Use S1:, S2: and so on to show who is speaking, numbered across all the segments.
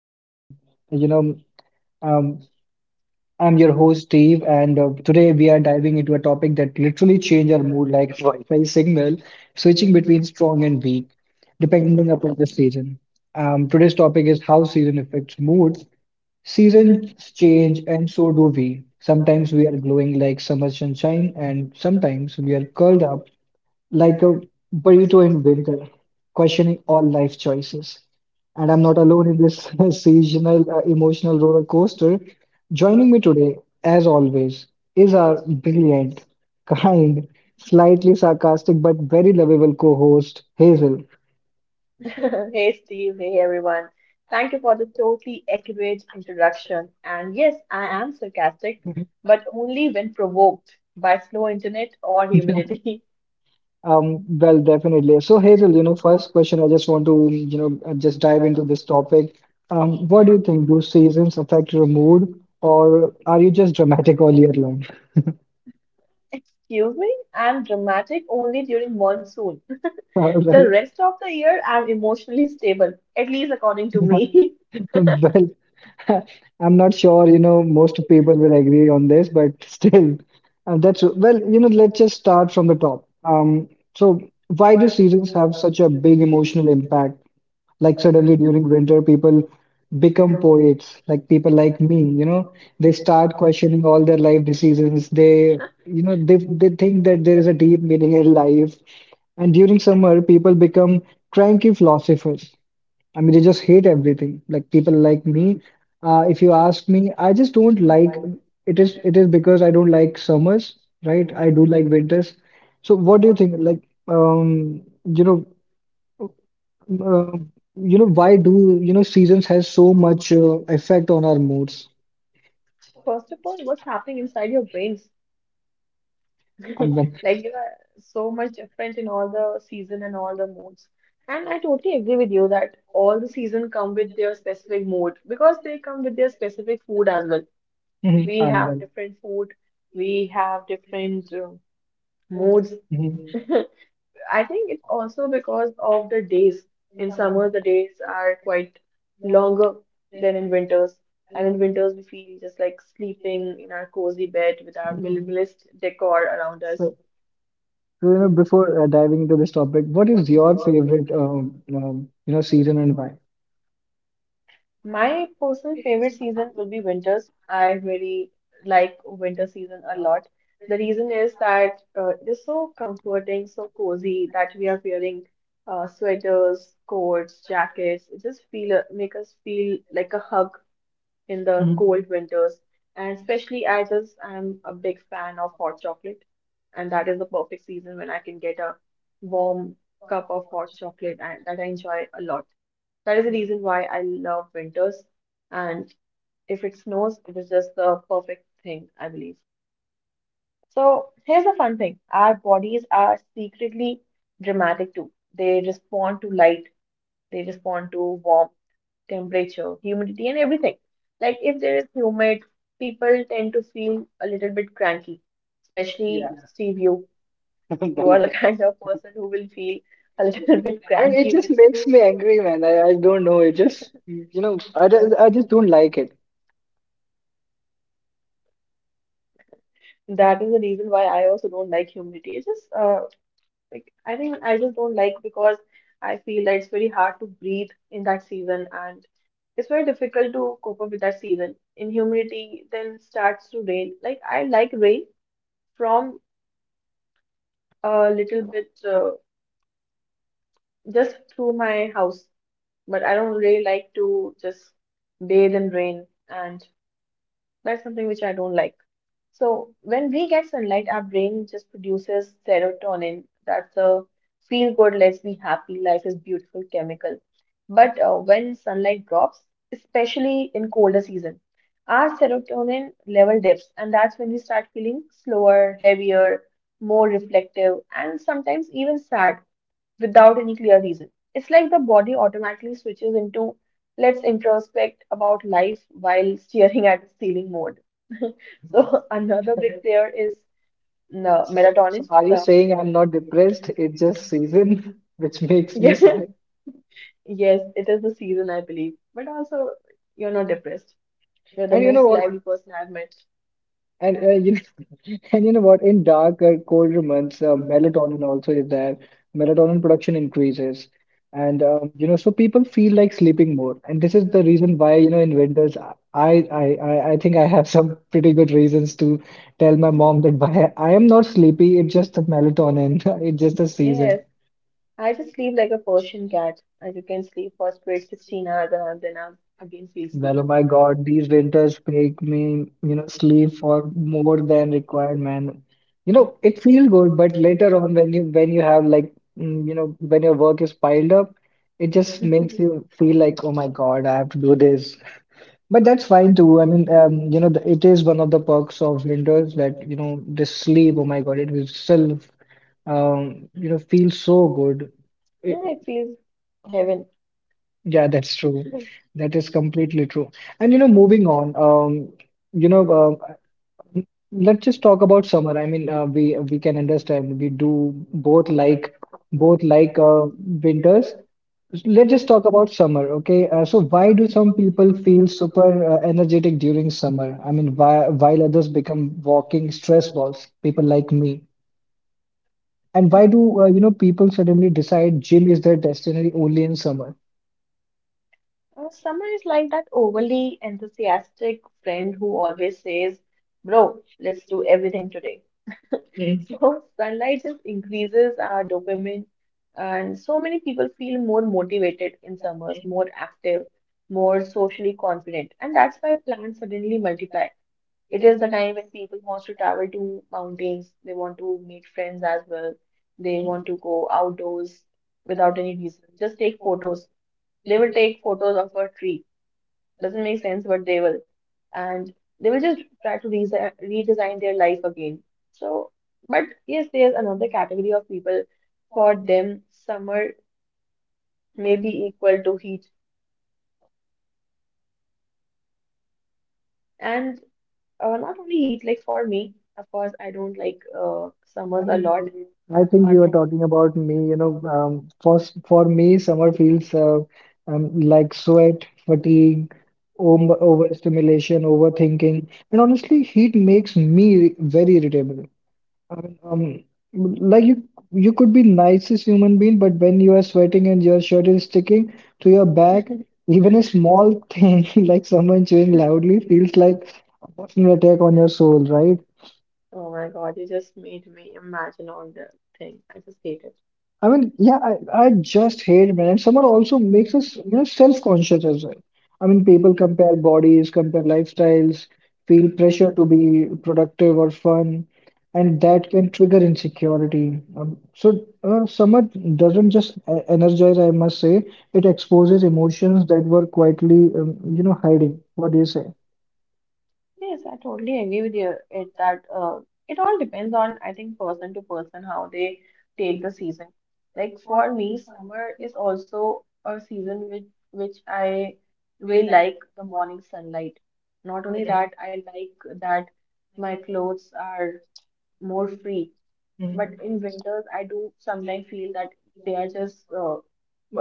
S1: You know, um, I'm your host, Steve, and today we are diving into a topic that literally change our mood like a Wi-Fi signal, switching between strong and weak, depending upon the season. Today's topic is how season affects mood. Seasons change, and so do we. Sometimes we are glowing like summer sunshine, and sometimes we are curled up like a burrito in winter, questioning all life choices. And I'm not alone in this seasonal emotional roller coaster. Joining me today, as always, is our brilliant, kind, slightly sarcastic, but very lovable co host, Hazel.
S2: Hey Steve, hey everyone. Thank you for the totally accurate introduction. And yes, I am sarcastic, but only when provoked by slow internet or humidity.
S1: Definitely. So, Hazel, you know, first question, I just want to, just dive into this topic. What do you think? Do seasons affect your mood, or are you just dramatic all year?
S2: Excuse me, I'm dramatic only during monsoon.
S1: All
S2: The
S1: right.
S2: rest of the year, I'm emotionally stable, at least according to me.
S1: Well, I'm not sure, you know, most people will agree on this, but still, that's well, you know, let's just start from the top. So why do seasons have such a big emotional impact? Like suddenly during winter, people become poets, like people like me, you know, they start questioning all their life decisions. They, you know, they think that there is a deep meaning in life. And during summer, people become cranky philosophers. I mean, they just hate everything. Like people like me, if you ask me, I just don't like it is because I don't like summers, right? I do like winters. So what do you think? Um, you know, uh, why do you know seasons has so much effect on our moods?
S2: First of all, what's happening inside your brain?
S1: I'm well.
S2: Like you are so much different in all the season and all the moods. And I totally agree with you that all the season come with their specific mood because they come with their specific food as well.
S1: Mhm,
S2: We
S1: I'm
S2: have
S1: well.
S2: different food, we have different moods.
S1: Mhm.
S2: I think it's also because of the days. In summer, the days are quite longer than in winters. And in winters, we feel just like sleeping in our cozy bed with our
S1: So,
S2: minimalist decor around us.
S1: so, you know, before diving into this topic, what is your favorite you know season and why?
S2: My personal favorite season will be winters. I really like winter season a lot. The reason is that it is so comforting, so cozy that we are wearing sweaters, coats, jackets. It just feel make us feel like a hug in the
S1: Mhm.
S2: cold winters. And especially, I'm a big fan of hot chocolate, and that is the perfect season when I can get a warm cup of hot chocolate and that I enjoy a lot. That is the reason why I love winters. And if it snows, it is just the perfect thing, I believe. So here's the fun thing. Our bodies are secretly dramatic too. They respond to light, they respond to warmth, temperature, humidity, and everything. Like if there is humid, people tend to feel a little bit cranky, especially.
S1: Yeah.
S2: Yeah. Steve, you. You are the kind of person who will feel a little bit
S1: I mean, it
S2: cranky
S1: just makes me angry, man. I don't know. It just, you know, I just don't like it.
S2: That is the reason why I also don't like humidity. It's just like I think I just don't like because I feel that it's very hard to breathe in that season and it's very difficult to cope up with that season. In humidity, then starts to rain. Like I like rain from a little bit just through my house, but I don't really like to just bathe in rain and that's something which I don't like. So when we get sunlight, our brain just produces serotonin. That's a feel good, let's be happy, life is beautiful chemical. But when sunlight drops, especially in colder season, our serotonin level dips, and that's when we start feeling slower, heavier, more reflective, and sometimes even sad without any clear reason. It's like the body automatically switches into let's introspect about life while staring at the ceiling mode. So another big player is no,
S1: So
S2: melatonin.
S1: are you
S2: The
S1: saying I'm not depressed? It's just season, which makes me
S2: Yeah,
S1: sad.
S2: yes, it is the season, I believe. But also, you're not depressed. You're the
S1: And you know
S2: most
S1: what?
S2: lively person I've met.
S1: And uh, you know, and you know what? In darker, colder months, melatonin also is there. Melatonin production increases, and you know, so people feel like sleeping more. And this is the reason why you know, in winters, I think I have some pretty good reasons to tell my mom that why I am not sleepy. It's just the melatonin. It's just the season.
S2: Yes, I just sleep like a Persian cat. I just can sleep for straight 16 hours and then I again feel sleepy.
S1: Well, oh my God, these winters make
S2: Yeah,
S1: me, you know, sleep for more than required, man. You know, it feels good, but later on when you have like, you know, when your work is piled up, it just makes you feel like, oh my God, I have to do this. But that's fine too. You know, the, it is one of the perks of winters that, you know, the sleep. Oh my God, it will still, you know, feel so good.
S2: it feels heaven.
S1: Yeah, that's true. That is completely true. And you know, moving on, you know, uh, let's just talk about summer. We can understand we do both like winters. Let's just talk about summer, okay? So why do some people feel super energetic during summer? I mean, why while others become walking stress balls, people like me. And why do you know people suddenly decide gym is their destiny only in summer?
S2: Summer is like that overly enthusiastic friend who always says, bro, let's do everything today. So, sunlight just increases our dopamine, and so many people feel more motivated in summers, more active, more socially confident, and that's why plants suddenly multiply. It is the time when people want to travel to mountains, they want to meet friends as well, they want to go outdoors without any reason, just take photos. They will take photos of a tree, doesn't make sense, but they will. And they will just try to redesign their life again. So, but yes, there's another category of people. For them, summer may be equal to heat. And not only heat, like for me, of course, I don't like summers a lot.
S1: I
S2: But
S1: think you are talking about me. For me, summer feels like sweat, fatigue, overstimulation, overthinking, and honestly, heat makes me very irritable. Like you could be nicest human being, but when you are sweating and your shirt is sticking to your back, even a small thing like someone chewing loudly feels like a personal attack on your soul, right?
S2: oh my God, you just made me imagine all the thing. I just hate it.
S1: I mean, yeah, I just hate, man. Summer also makes us, you know, self-conscious as well. I mean, people compare bodies, compare lifestyles, feel pressure to be productive or fun, and that can trigger insecurity. Summer doesn't just energize, I must say, it exposes emotions that were quietly, you know, hiding. What do you say?
S2: Yes, I totally agree with you. It all depends on, I think, person to person how they take the season. Like for me, summer is also a season which I really like the morning sunlight. Not only that, I like that my clothes are more free. But
S1: Mm.
S2: in winters, I do sometimes feel that they are just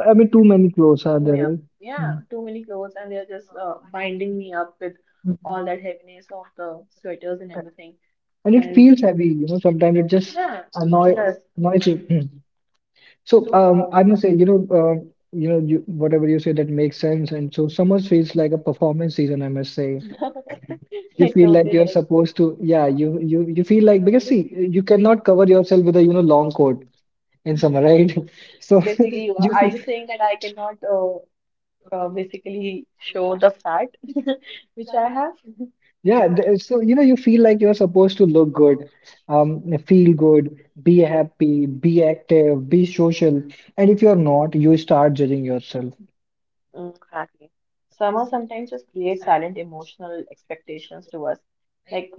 S1: I mean, too many clothes are
S2: picking me
S1: there,
S2: up.
S1: right?
S2: Yeah,
S1: Mm.
S2: too many clothes, and they are just binding me up with all that heaviness of the sweaters and everything.
S1: And it
S2: And
S1: feels heavy, you know, sometimes it just
S2: yeah, it
S1: annoy
S2: does.
S1: annoys you. Hmm. So I must say, you know, you know, you, whatever you say that makes sense. And so summer feels like a performance season, I must say. You
S2: It
S1: feel like
S2: totally
S1: you're
S2: does.
S1: supposed to, yeah, you feel like because see, you cannot cover yourself with a you know long coat in summer, right? So
S2: Basically, you
S1: you
S2: are
S1: feel,
S2: you saying that I cannot basically show the fat which I have?
S1: yeah, so you know, you feel like you're supposed to look good, um, feel good, be happy, be active, be social. And if you're not, you start judging yourself.
S2: Mm. Exactly. Summer sometimes just creates silent emotional expectations to us. Like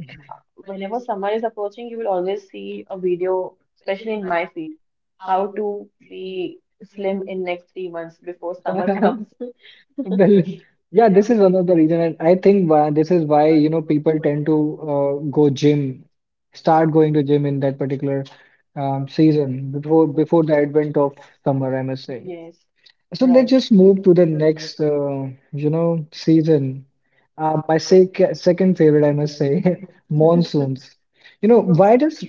S2: whenever summer is approaching, you will always see a video, especially in my feed, how to be slim in next 3 months before summer comes.
S1: Well, yeah, this is one of the reason, and I think why this is why you know people tend to go gym, start going to gym in that particular season before the advent of summer, I must say.
S2: Yes.
S1: So let's
S2: Right.
S1: just move to the next, season. My second favorite, I must say, monsoons. You know, why does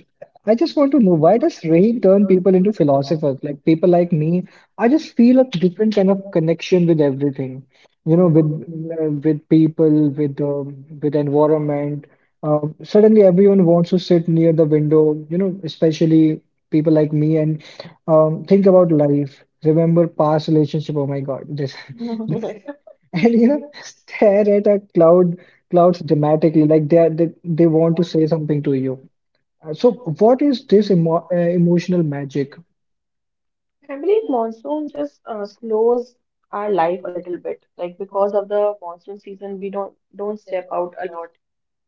S1: I just want to know why does rain turn people into philosophers? Like people like me, I just feel a different kind of connection with everything. You know, with people, with environment. Suddenly, everyone wants to sit near the window. You know, especially people like me and think about life, remember past relationship. Oh my God, this and you know, stare at a cloud, clouds dramatically, like they want to say something to you. So, what is this emotional magic?
S2: I believe monsoon just slows our life a little bit. Like because of the monsoon season, we don't step out a lot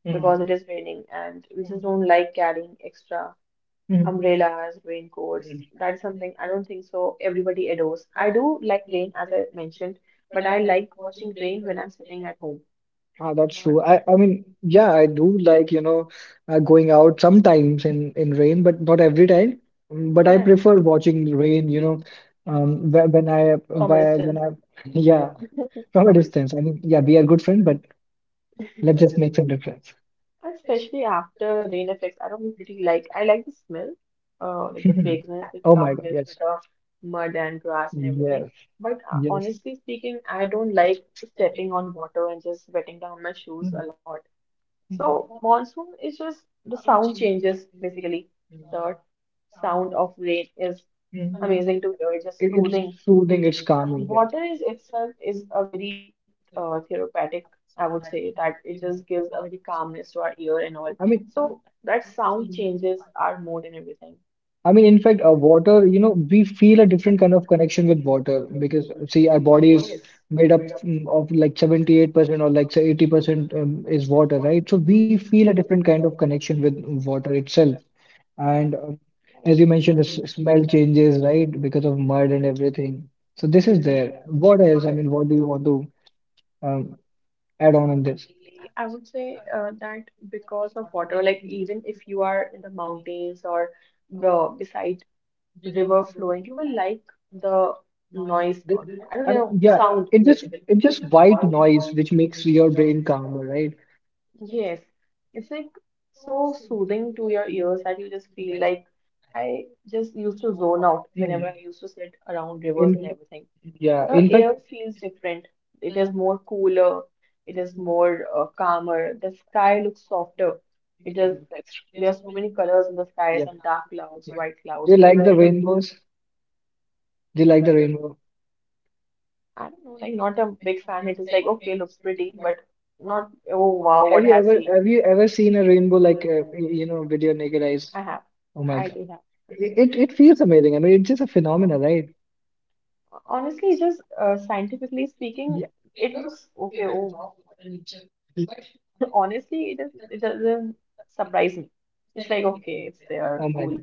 S2: because it is raining, and we just don't like carrying extra
S1: Mhm.
S2: umbrellas, raincoats. That's something I don't think so everybody adores. I do like rain, as I mentioned, but I like watching rain when I'm sitting at home
S1: Ah, that's true. I mean, yeah, I do like, you know, going out sometimes in rain, but not every time. Mm, but I prefer watching rain, you know, um, whe- when I,
S2: from a
S1: whe- when
S2: distance.
S1: I, yeah. From a distance. I mean, yeah, we are good friends, but let's just make some difference.
S2: Especially after rain effects, I don't pretty like. I like the smell, like the fragrance it
S1: Oh my
S2: comes
S1: God,
S2: with
S1: yes.
S2: the mud and grass and everything.
S1: Yes,
S2: But
S1: yes.
S2: honestly speaking, I don't like stepping on water and just wetting down my shoes
S1: Mhm,
S2: a lot.
S1: mhm,
S2: So monsoon is just the sound changes basically.
S1: mhm,
S2: The sound of rain is amazing
S1: mhm.
S2: to hear, just
S1: It, it's
S2: soothing.
S1: soothing, it's calming.
S2: Water
S1: Yeah.
S2: is itself is a very therapeutic, I would say, that it just gives a very calmness to our ear and all.
S1: I mean,
S2: So that sound changes our mood and everything.
S1: I mean, in fact, water, you know, we feel a different kind of connection with water
S2: Right.
S1: because, see, our body is made up of like 78% or like say 80% is water, right? So we feel a different kind of connection with water itself. And As you mentioned, the smell changes, right, because of mud and everything. So this is there. What else? I mean, what do you want to um, add on this?
S2: I would say that because of water, like even if you are in the mountains or the beside river flowing. You will like the noise
S1: This,
S2: or I don't
S1: I mean,
S2: know
S1: yeah,
S2: sound
S1: it just
S2: basically.
S1: it's just white noise which makes your brain calmer, right?
S2: Yes, it's like so soothing to your ears that you just feel like I just used to zone out whenever
S1: Mm.
S2: I used to sit around rivers
S1: In
S2: and everything.
S1: Yeah,
S2: The
S1: in fact,
S2: air feels different. It is more cooler. It is more calmer. The sky looks softer. It is
S1: that's
S2: There are so many colors in the sky,
S1: yeah.
S2: some dark clouds, white
S1: They
S2: clouds,
S1: like the
S2: everything.
S1: rainbows. They like the rainbow.
S2: I don't know, like not a big fan. It is like okay, looks pretty, but not oh wow, what have
S1: Have you ever seen a rainbow like
S2: you?
S1: you know with your naked eyes?
S2: I have,
S1: Oh my
S2: I
S1: God,
S2: do have.
S1: it feels amazing. I mean, it's just a phenomena, right?
S2: Honestly, just scientifically speaking,
S1: Yeah.
S2: it looks okay. Oh wow, what a nature! But honestly, it doesn't surprise me. It's like okay, it's there,
S1: Oh my
S2: cool.
S1: God.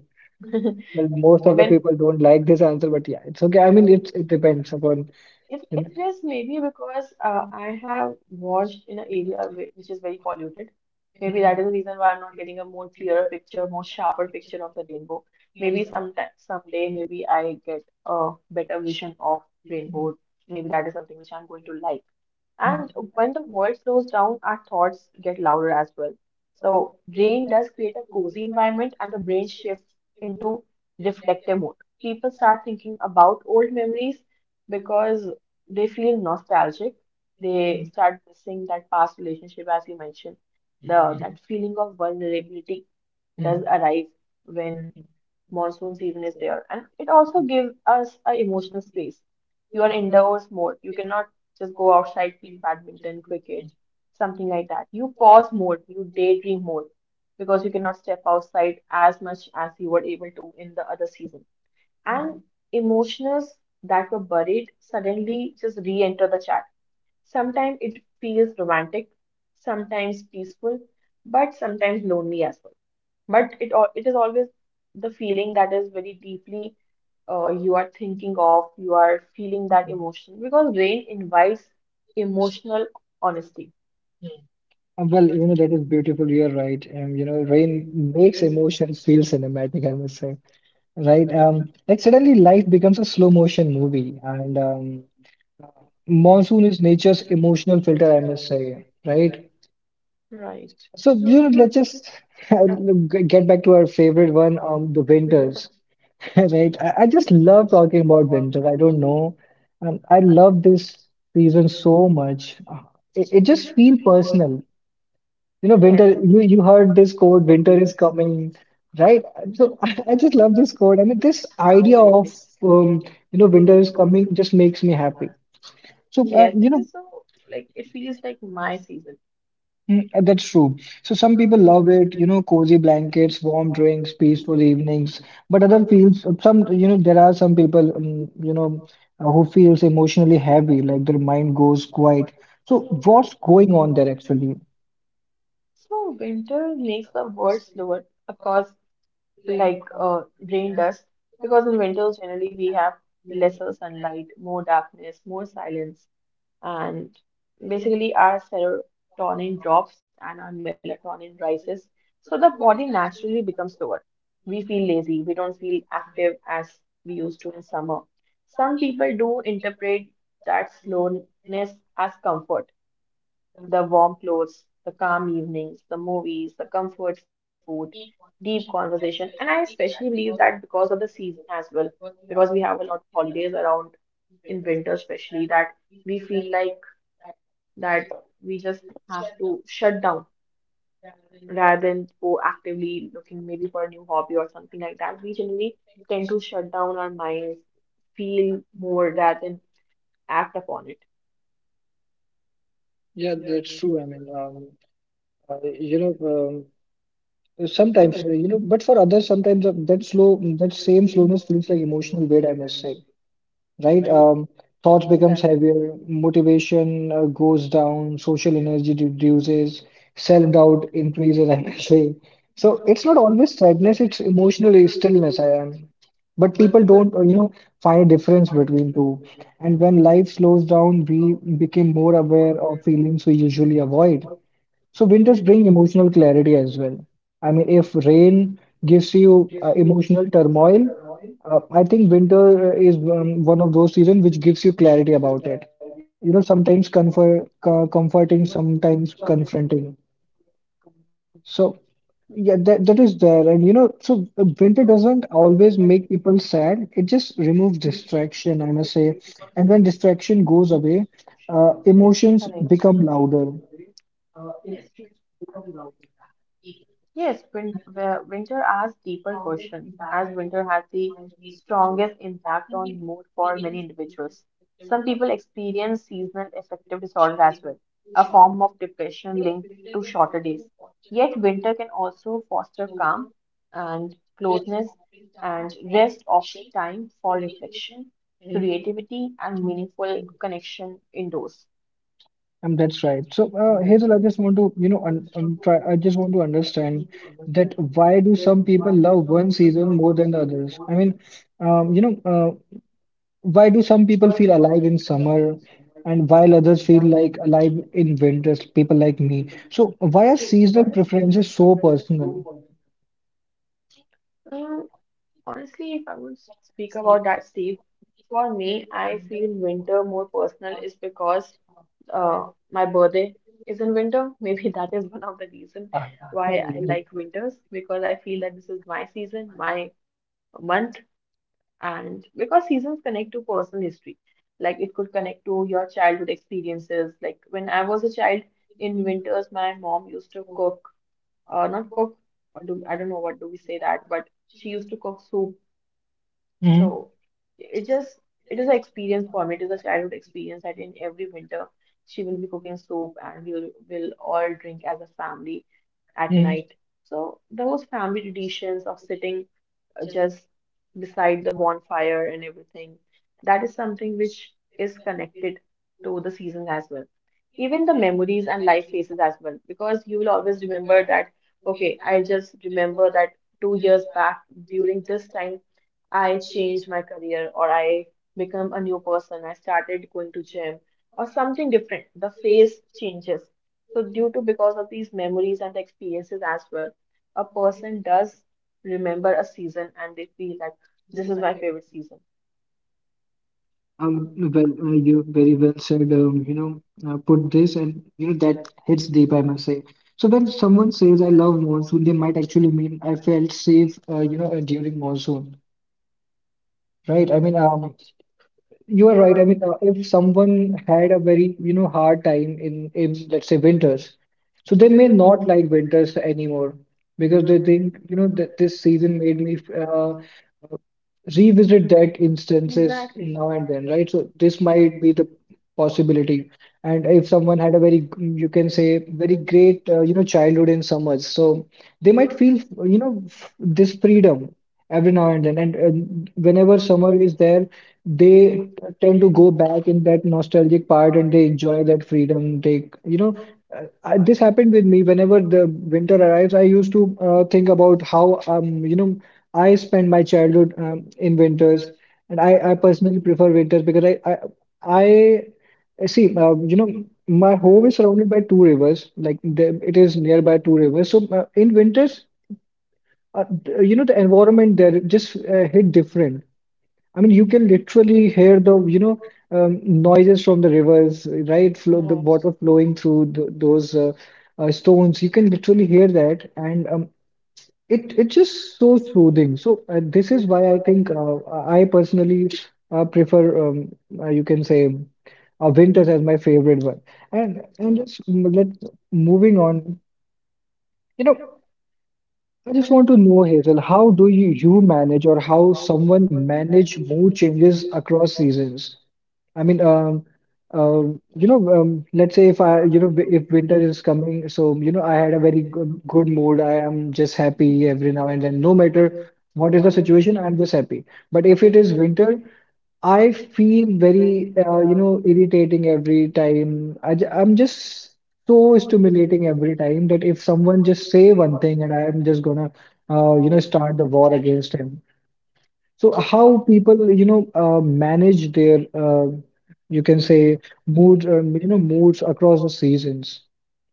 S1: Well, most of the
S2: When
S1: people don't like this answer, but yeah, it's okay. I mean, it depends upon
S2: It,
S1: you know.
S2: it is maybe because I have washed in an area which is very polluted. Maybe that is the reason why I'm not getting a more clearer picture, more sharper picture of the rainbow. Maybe sometime, someday, maybe I get a better vision of rainbow. Maybe that is something which I'm going to like.
S1: Mm,
S2: And when the world slows down, our thoughts get louder as well. So, rain does create a cozy environment and the brain shifts into reflective mode. People start thinking about old memories because they feel nostalgic. They start missing that past relationship, as you mentioned. The that feeling of vulnerability
S1: mm.
S2: does arrive when monsoon season is there, and it also gives us a emotional space. You are indoors more, you cannot just go outside play badminton, cricket, something like that. You pause more, you daydream more because you cannot step outside as much as you were able to in the other season. And emotions that were buried suddenly just re-enter the chat. Sometimes it feels romantic, sometimes peaceful, but sometimes lonely as well. But it is always the feeling that is very deeply you are thinking of, you are feeling that emotion because rain invites emotional honesty.
S1: Well, you know, that is beautiful. You're right. You know, rain makes emotions feel cinematic, I must say. Right? Like suddenly life becomes a slow motion movie, and monsoon is nature's emotional filter, I must say. Right?
S2: Right.
S1: So, you know, let's just get back to our favorite one, the winters. Right. I just love talking about winter. I don't know. I love this season so much. It, it just feels personal. You know, winter,
S2: Yes.
S1: you heard this quote, winter is coming, right? So I just love this quote. I mean, this idea
S2: Absolutely.
S1: of, um, you know, winter is coming just makes me happy. So, uh,
S2: Yes,
S1: you
S2: it
S1: know,
S2: is so like it feels like my season.
S1: Mm, that's true. So some people love it, you know, cozy blankets, warm drinks, peaceful evenings. But other feels you know, there are some people, who feels emotionally heavy, like their mind goes quiet. So what's going on there actually?
S2: So winter makes the world slower. Of course, like rain dust because in winters generally we have lesser sunlight, more darkness, more silence, and basically our serotonin drops and our melatonin rises. So the body naturally becomes slower. We feel lazy, we don't feel active as we used to in summer. Some people do interpret that slowness as comfort. The warm clothes, the calm evenings, the movies, the comfort food, deep conversation. And I especially believe that because of the season as well, because we have a lot of holidays around in winter, especially that we feel like that we just have to shut down rather than go actively looking maybe for a new hobby or something like that. We generally tend to shut down our minds, feel more rather than act upon it.
S1: Yeah, that's true. Uh, you know, Sometimes, but for others, sometimes that slow, that same slowness feels like emotional weight, I must say. Right? Thoughts becomes heavier,
S2: Exactly.
S1: motivation goes down, social energy reduces, self-doubt increases, I may say. So it's not always sadness, it's emotional stillness. I am. But people don't, you know, find a difference between two. And when life slows down, we become more aware of feelings we usually avoid. So winters bring emotional clarity as well. I mean, if rain gives you emotional turmoil, I think winter is one of those seasons which gives you clarity about it. You know, sometimes comfort, comforting, sometimes confronting. So yeah, that is there. And you know, so winter doesn't always make people sad. It just removes distraction, I must say. And when distraction goes away,
S2: Correct.
S1: emotions become louder.
S2: Yes, winter asks deeper questions, as winter has the strongest impact on mood for many individuals. Some people experience seasonal affective disorder as well, a form of depression linked to shorter days. Yet, winter can also foster calm and closeness and rest, offering time for reflection, creativity, and meaningful connection indoors.
S1: That's right. So, Hazel, I just want to, you know, un try. I just want to understand that why do some people love one season more than the others? I mean, um, you know, uh, why do some people feel alive in summer, and while others feel like alive in winters? People like me. So, why are seasonal preferences so personal?
S2: Mm, Honestly, if I would speak about that, Steve, for me, I feel winter more personal is because uh, my birthday is in winter. Maybe that is one of the reason
S1: Ah,
S2: why I
S1: sorry.
S2: like winters because I feel that this is my season, my month, and because seasons connect to personal history. Like it could connect to your childhood experiences. Like when I was a child in winters, my mom used to cook, not cook, or do, I don't know what do we say that, but she used to cook soup
S1: Mhm,
S2: so it just it is an experience for me. It is a childhood experience that in every winter she will be cooking soup and we will all drink as a family at
S1: mhm.
S2: night. So those family traditions of sitting just beside the bonfire and everything, that is something which is connected to the seasons as well. Even the memories and life phases as well, because you will always remember that, okay, I just remember that 2 years back during this time I changed my career or I become a new person. I started going to gym or something different. The phase changes. So due to because of these memories and experiences as well, a person does remember a season and they feel like this is my favorite season.
S1: Well, you very well said, put this and, you know, that hits deep, I must say. So when someone says I love monsoon, they might actually mean I felt safe, during monsoon, right? I mean, you are right. I mean, if someone had a very, you know, hard time in, let's say, winters, so they may not like winters anymore because they think, you know, that this season made me, revisit that instances
S2: Exactly.
S1: now and then, right? So this might be the possibility. And if someone had a very, you can say, very great, you know, childhood in summers, so they might feel, you know, this freedom every now and then. And whenever summer is there, they t- tend to go back in that nostalgic part and they enjoy that freedom. They, you know, this happened with me. Whenever the winter arrives, I used to think about how, you know. I spent my childhood in winters, and I personally prefer winters because I, I see you know my home is surrounded by two rivers like there, it is nearby two rivers. So in winters, you know the environment there just hit different. I mean you can literally hear the you know noises from the rivers, right? Flow the
S2: Right.
S1: water flowing through th those stones. You can literally hear that, and it it's just so soothing. So this is why I think I personally prefer you can say winters as my favorite one. And just m- let Moving on. You know, I just want to know, Hazel, how do you manage or how someone manage mood changes across seasons? I mean, let's say if I, you know, if winter is coming, so, you know, I had a good mood. I am just happy every now and then. No matter what is the situation, I'm just happy. But if it is winter, I feel very, you know, irritating every time. Am just so stimulating every time that if someone just say one thing and I am just gonna, you know, start the war against him. So how people, you know, manage their, you can say, mood, moods across the seasons,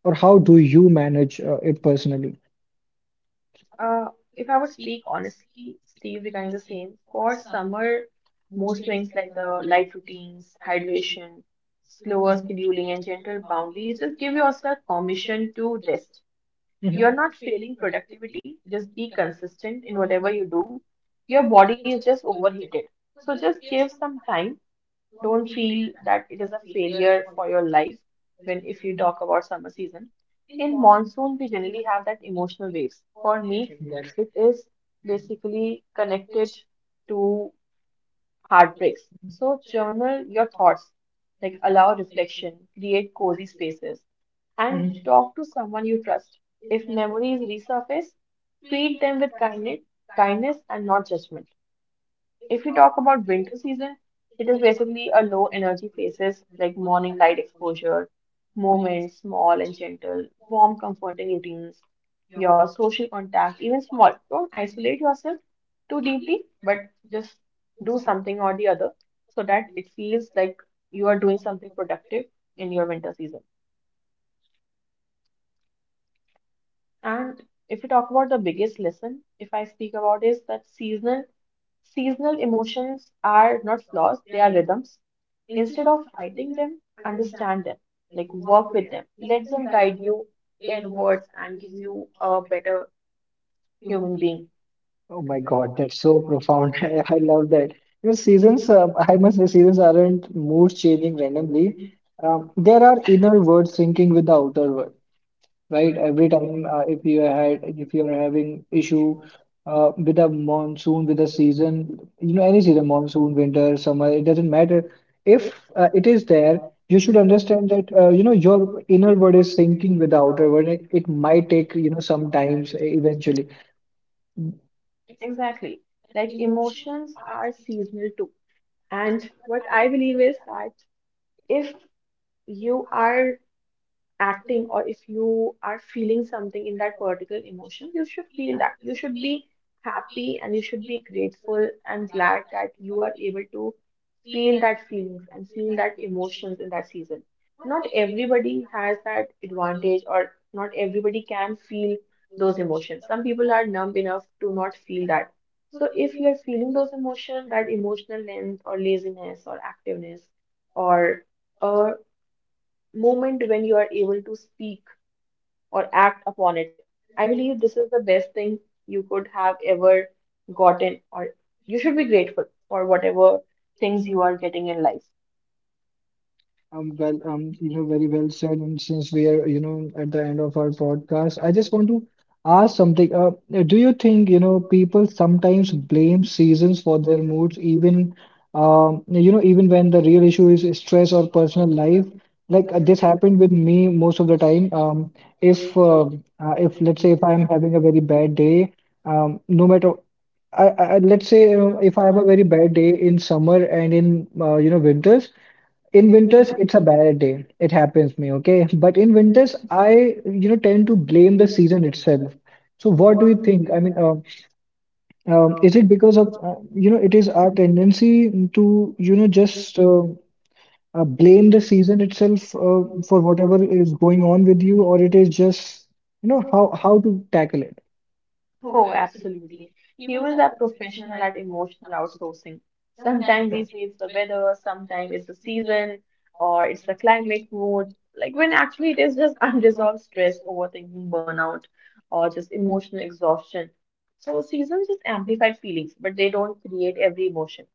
S1: or how do you manage it personally?
S2: Uh, if I would speak honestly, Steve, regarding the same, for summer, most things like the light routines, hydration, slower scheduling, and gentle boundaries just give yourself permission to rest.
S1: Mhm.
S2: You're not failing productivity, just be consistent in whatever you do. Your body is just overheated. So just give some time. Don't feel that it is a failure for your life when if you talk about summer season. In monsoon, we generally have that emotional waves. For me,
S1: That's
S2: Mhm. it is basically connected to heartbreaks. So journal your thoughts, like allow reflection, create cozy spaces, and
S1: Mhm.
S2: Mhm. talk to someone you trust. If memories resurface, treat them with kindness, kindness and not judgment. If we talk about winter season, it is basically a low energy phases like morning light exposure, movement, small and gentle, warm, comforting routines, your social contact, even small. Don't isolate yourself too deeply, but just do something or the other so that it feels like you are doing something productive in your winter season. And if we talk about the biggest lesson, if I speak about is that seasonal emotions are not flaws, they are rhythms. Instead of fighting them, understand them, like work with them, let them guide you inwards and give you a better human being.
S1: Oh my God, that's so profound. I love that. Your seasons, I must say, seasons aren't moods changing randomly. There are inner words syncing with the outer world. Right? Every time if you had if you are having issue with a monsoon, with a season, you know, any season, monsoon, winter, summer, it doesn't matter. If it is there, you should understand that you know your inner word is syncing with the outer word. It might take you know sometimes eventually.
S2: Exactly. Like emotions are seasonal too. And what I believe is that if you are acting or if you are feeling something in that particular emotion, you should feel that. You should be happy and you should be grateful and glad that you are able to feel that feelings and feel that emotions in that season. Not everybody has that advantage, or not everybody can feel those emotions. Some people are numb enough to not feel that. So, if you're feeling those emotions, that emotional length, or laziness, or activeness, or uh, moment when you are able to speak or act upon it. I believe this is the best thing you could have ever gotten, or you should be grateful for whatever things you are getting in life.
S1: Well, you know, very well said. And since we are, you know, at the end of our podcast, I just want to ask something. Do you think, you know, people sometimes blame seasons for their moods, even, you know, even when the real issue is stress or personal life? Like this happened with me most of the time. If, if let's say if I'm having a very bad day, no matter I let's say if I have a very bad day in summer and in you know winters. In winters, it's a bad day. It happens to me, okay? But in winters, I, you know, tend to blame the season itself. So what do you think? I mean, is it because of, you know, it is our tendency to, you know, just blame the season itself for whatever is going on with you, or it is just, you know, how to tackle it?
S2: Oh, absolutely. Humans are professional at emotional outsourcing. Sometimes we say it's the weather, sometimes it's the season, or it's the climate mood. Like when actually it is just unresolved stress, overthinking, burnout, or just emotional exhaustion. So seasons just amplify feelings, but they don't create every emotion.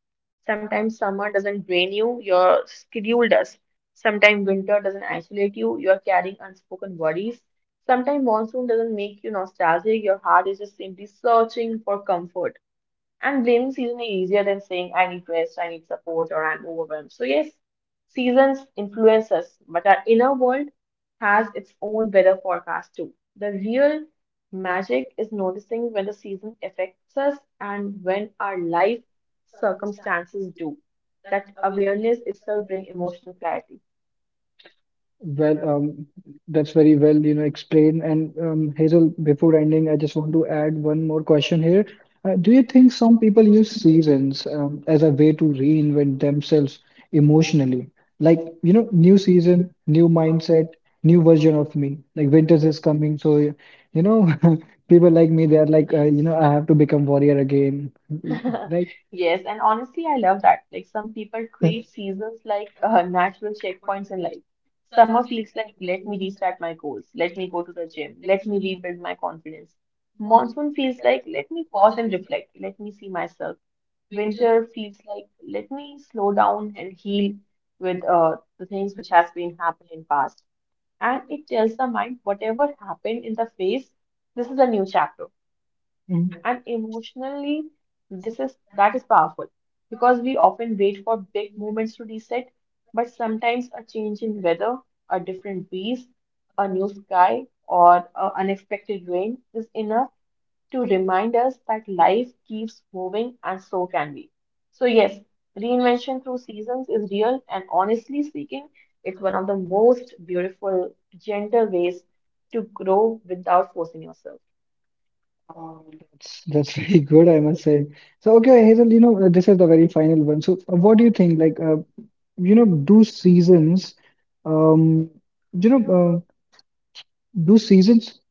S2: Sometimes summer doesn't drain you, your schedule does. Sometimes winter doesn't isolate you, you're carrying unspoken worries. Sometimes monsoon doesn't make you nostalgic, your heart is just simply searching for comfort. And blaming season is easier than saying, I need rest, I need support, or I'm overwhelmed. So, yes, seasons influence us, but our inner world has its own weather forecast too. The real magic is noticing when the season affects us and when our life circumstances do. That awareness itself brings emotional clarity.
S1: Well, that's very well, you know, explained. And Hazel, before ending, I just want to add one more question here. Do you think some people use seasons as a way to reinvent themselves emotionally? Like, you know, new season, new mindset, new version of me. Like, winters is coming, so you know, people like me, they're like, you
S2: Yes.
S1: know, I have to become warrior again, right?
S2: Yes, and honestly, I love that. Like some people treat seasons like natural checkpoints in life. Summer feels like, let me restart my goals, let me go to the gym, let me rebuild my confidence. Monsoon feels like, let me pause and reflect, let me see myself. Winter feels like, let me slow down and heal with the things which has been happening in past. And it tells the mind, whatever happened in the phase, this is a new chapter. Mm-hmm. And emotionally, this is that is powerful because we often wait for big moments to reset, but sometimes a change in weather, a different breeze, a new sky, or an unexpected rain is enough to remind us that life keeps moving and so can we. So yes, reinvention through seasons is real and honestly speaking, it's one of the most beautiful, gentle ways to grow without forcing yourself.
S1: That's very good, I must say. So, okay, Hazel, you know, this is the very final one. So, what do you think? Like, you know, do seasons, um, you know, do seasons,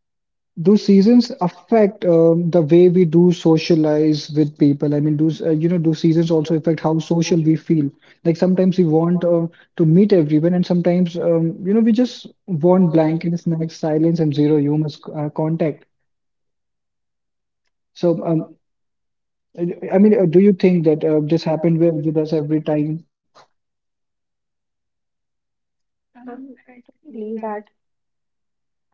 S1: do seasons affect the way we do socialize with people? I mean, you know, do seasons also affect how social we feel? Like, sometimes we want to meet everyone, and sometimes, you know, we just want blanket snacks, silence, and zero human contact. So, I mean, do you think that this happened with us every time?
S2: And I totally believe that.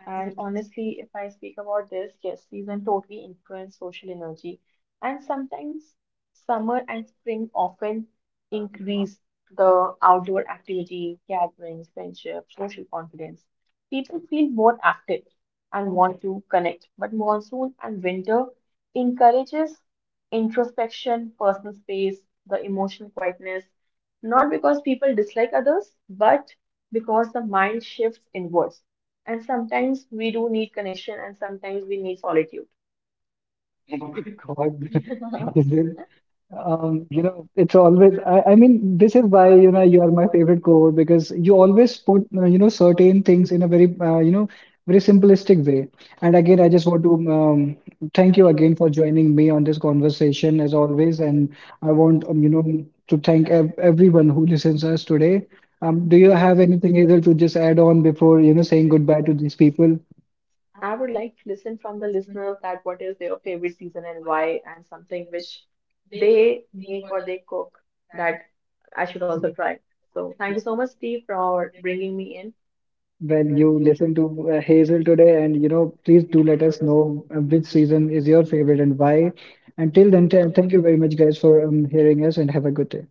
S2: And honestly, if I speak about this, yes, season totally influence social energy. And sometimes summer and spring often increase the outdoor activity, gatherings, friendship, social confidence. People feel more active and want to connect. But monsoon and winter encourages introspection, personal space, the emotional quietness. Not because people dislike others, but because the mind shifts inwards and sometimes we do need connection and sometimes we need solitude.
S1: Oh my God. Is it- You know, it's always, I mean, this is why, you know, you are my favorite cohort because you always put, you know, certain things in a very, you know, very simplistic way. And again, I just want to thank you again for joining me on this conversation as always. And I want, you know, to thank ev everyone who listens us today. Do you have anything, Hazel, to just add on before, you know, saying goodbye to these people?
S2: I would like to listen from the listeners that what is their favorite season and why, and something which they make or they cook that I should also try. So thank you so much, Steve, for bringing me in.
S1: Well, you listened to Hazel today, and you know, please do let us know which season is your favorite and why. Until then, thank you very much, guys, for hearing us, and have a good day.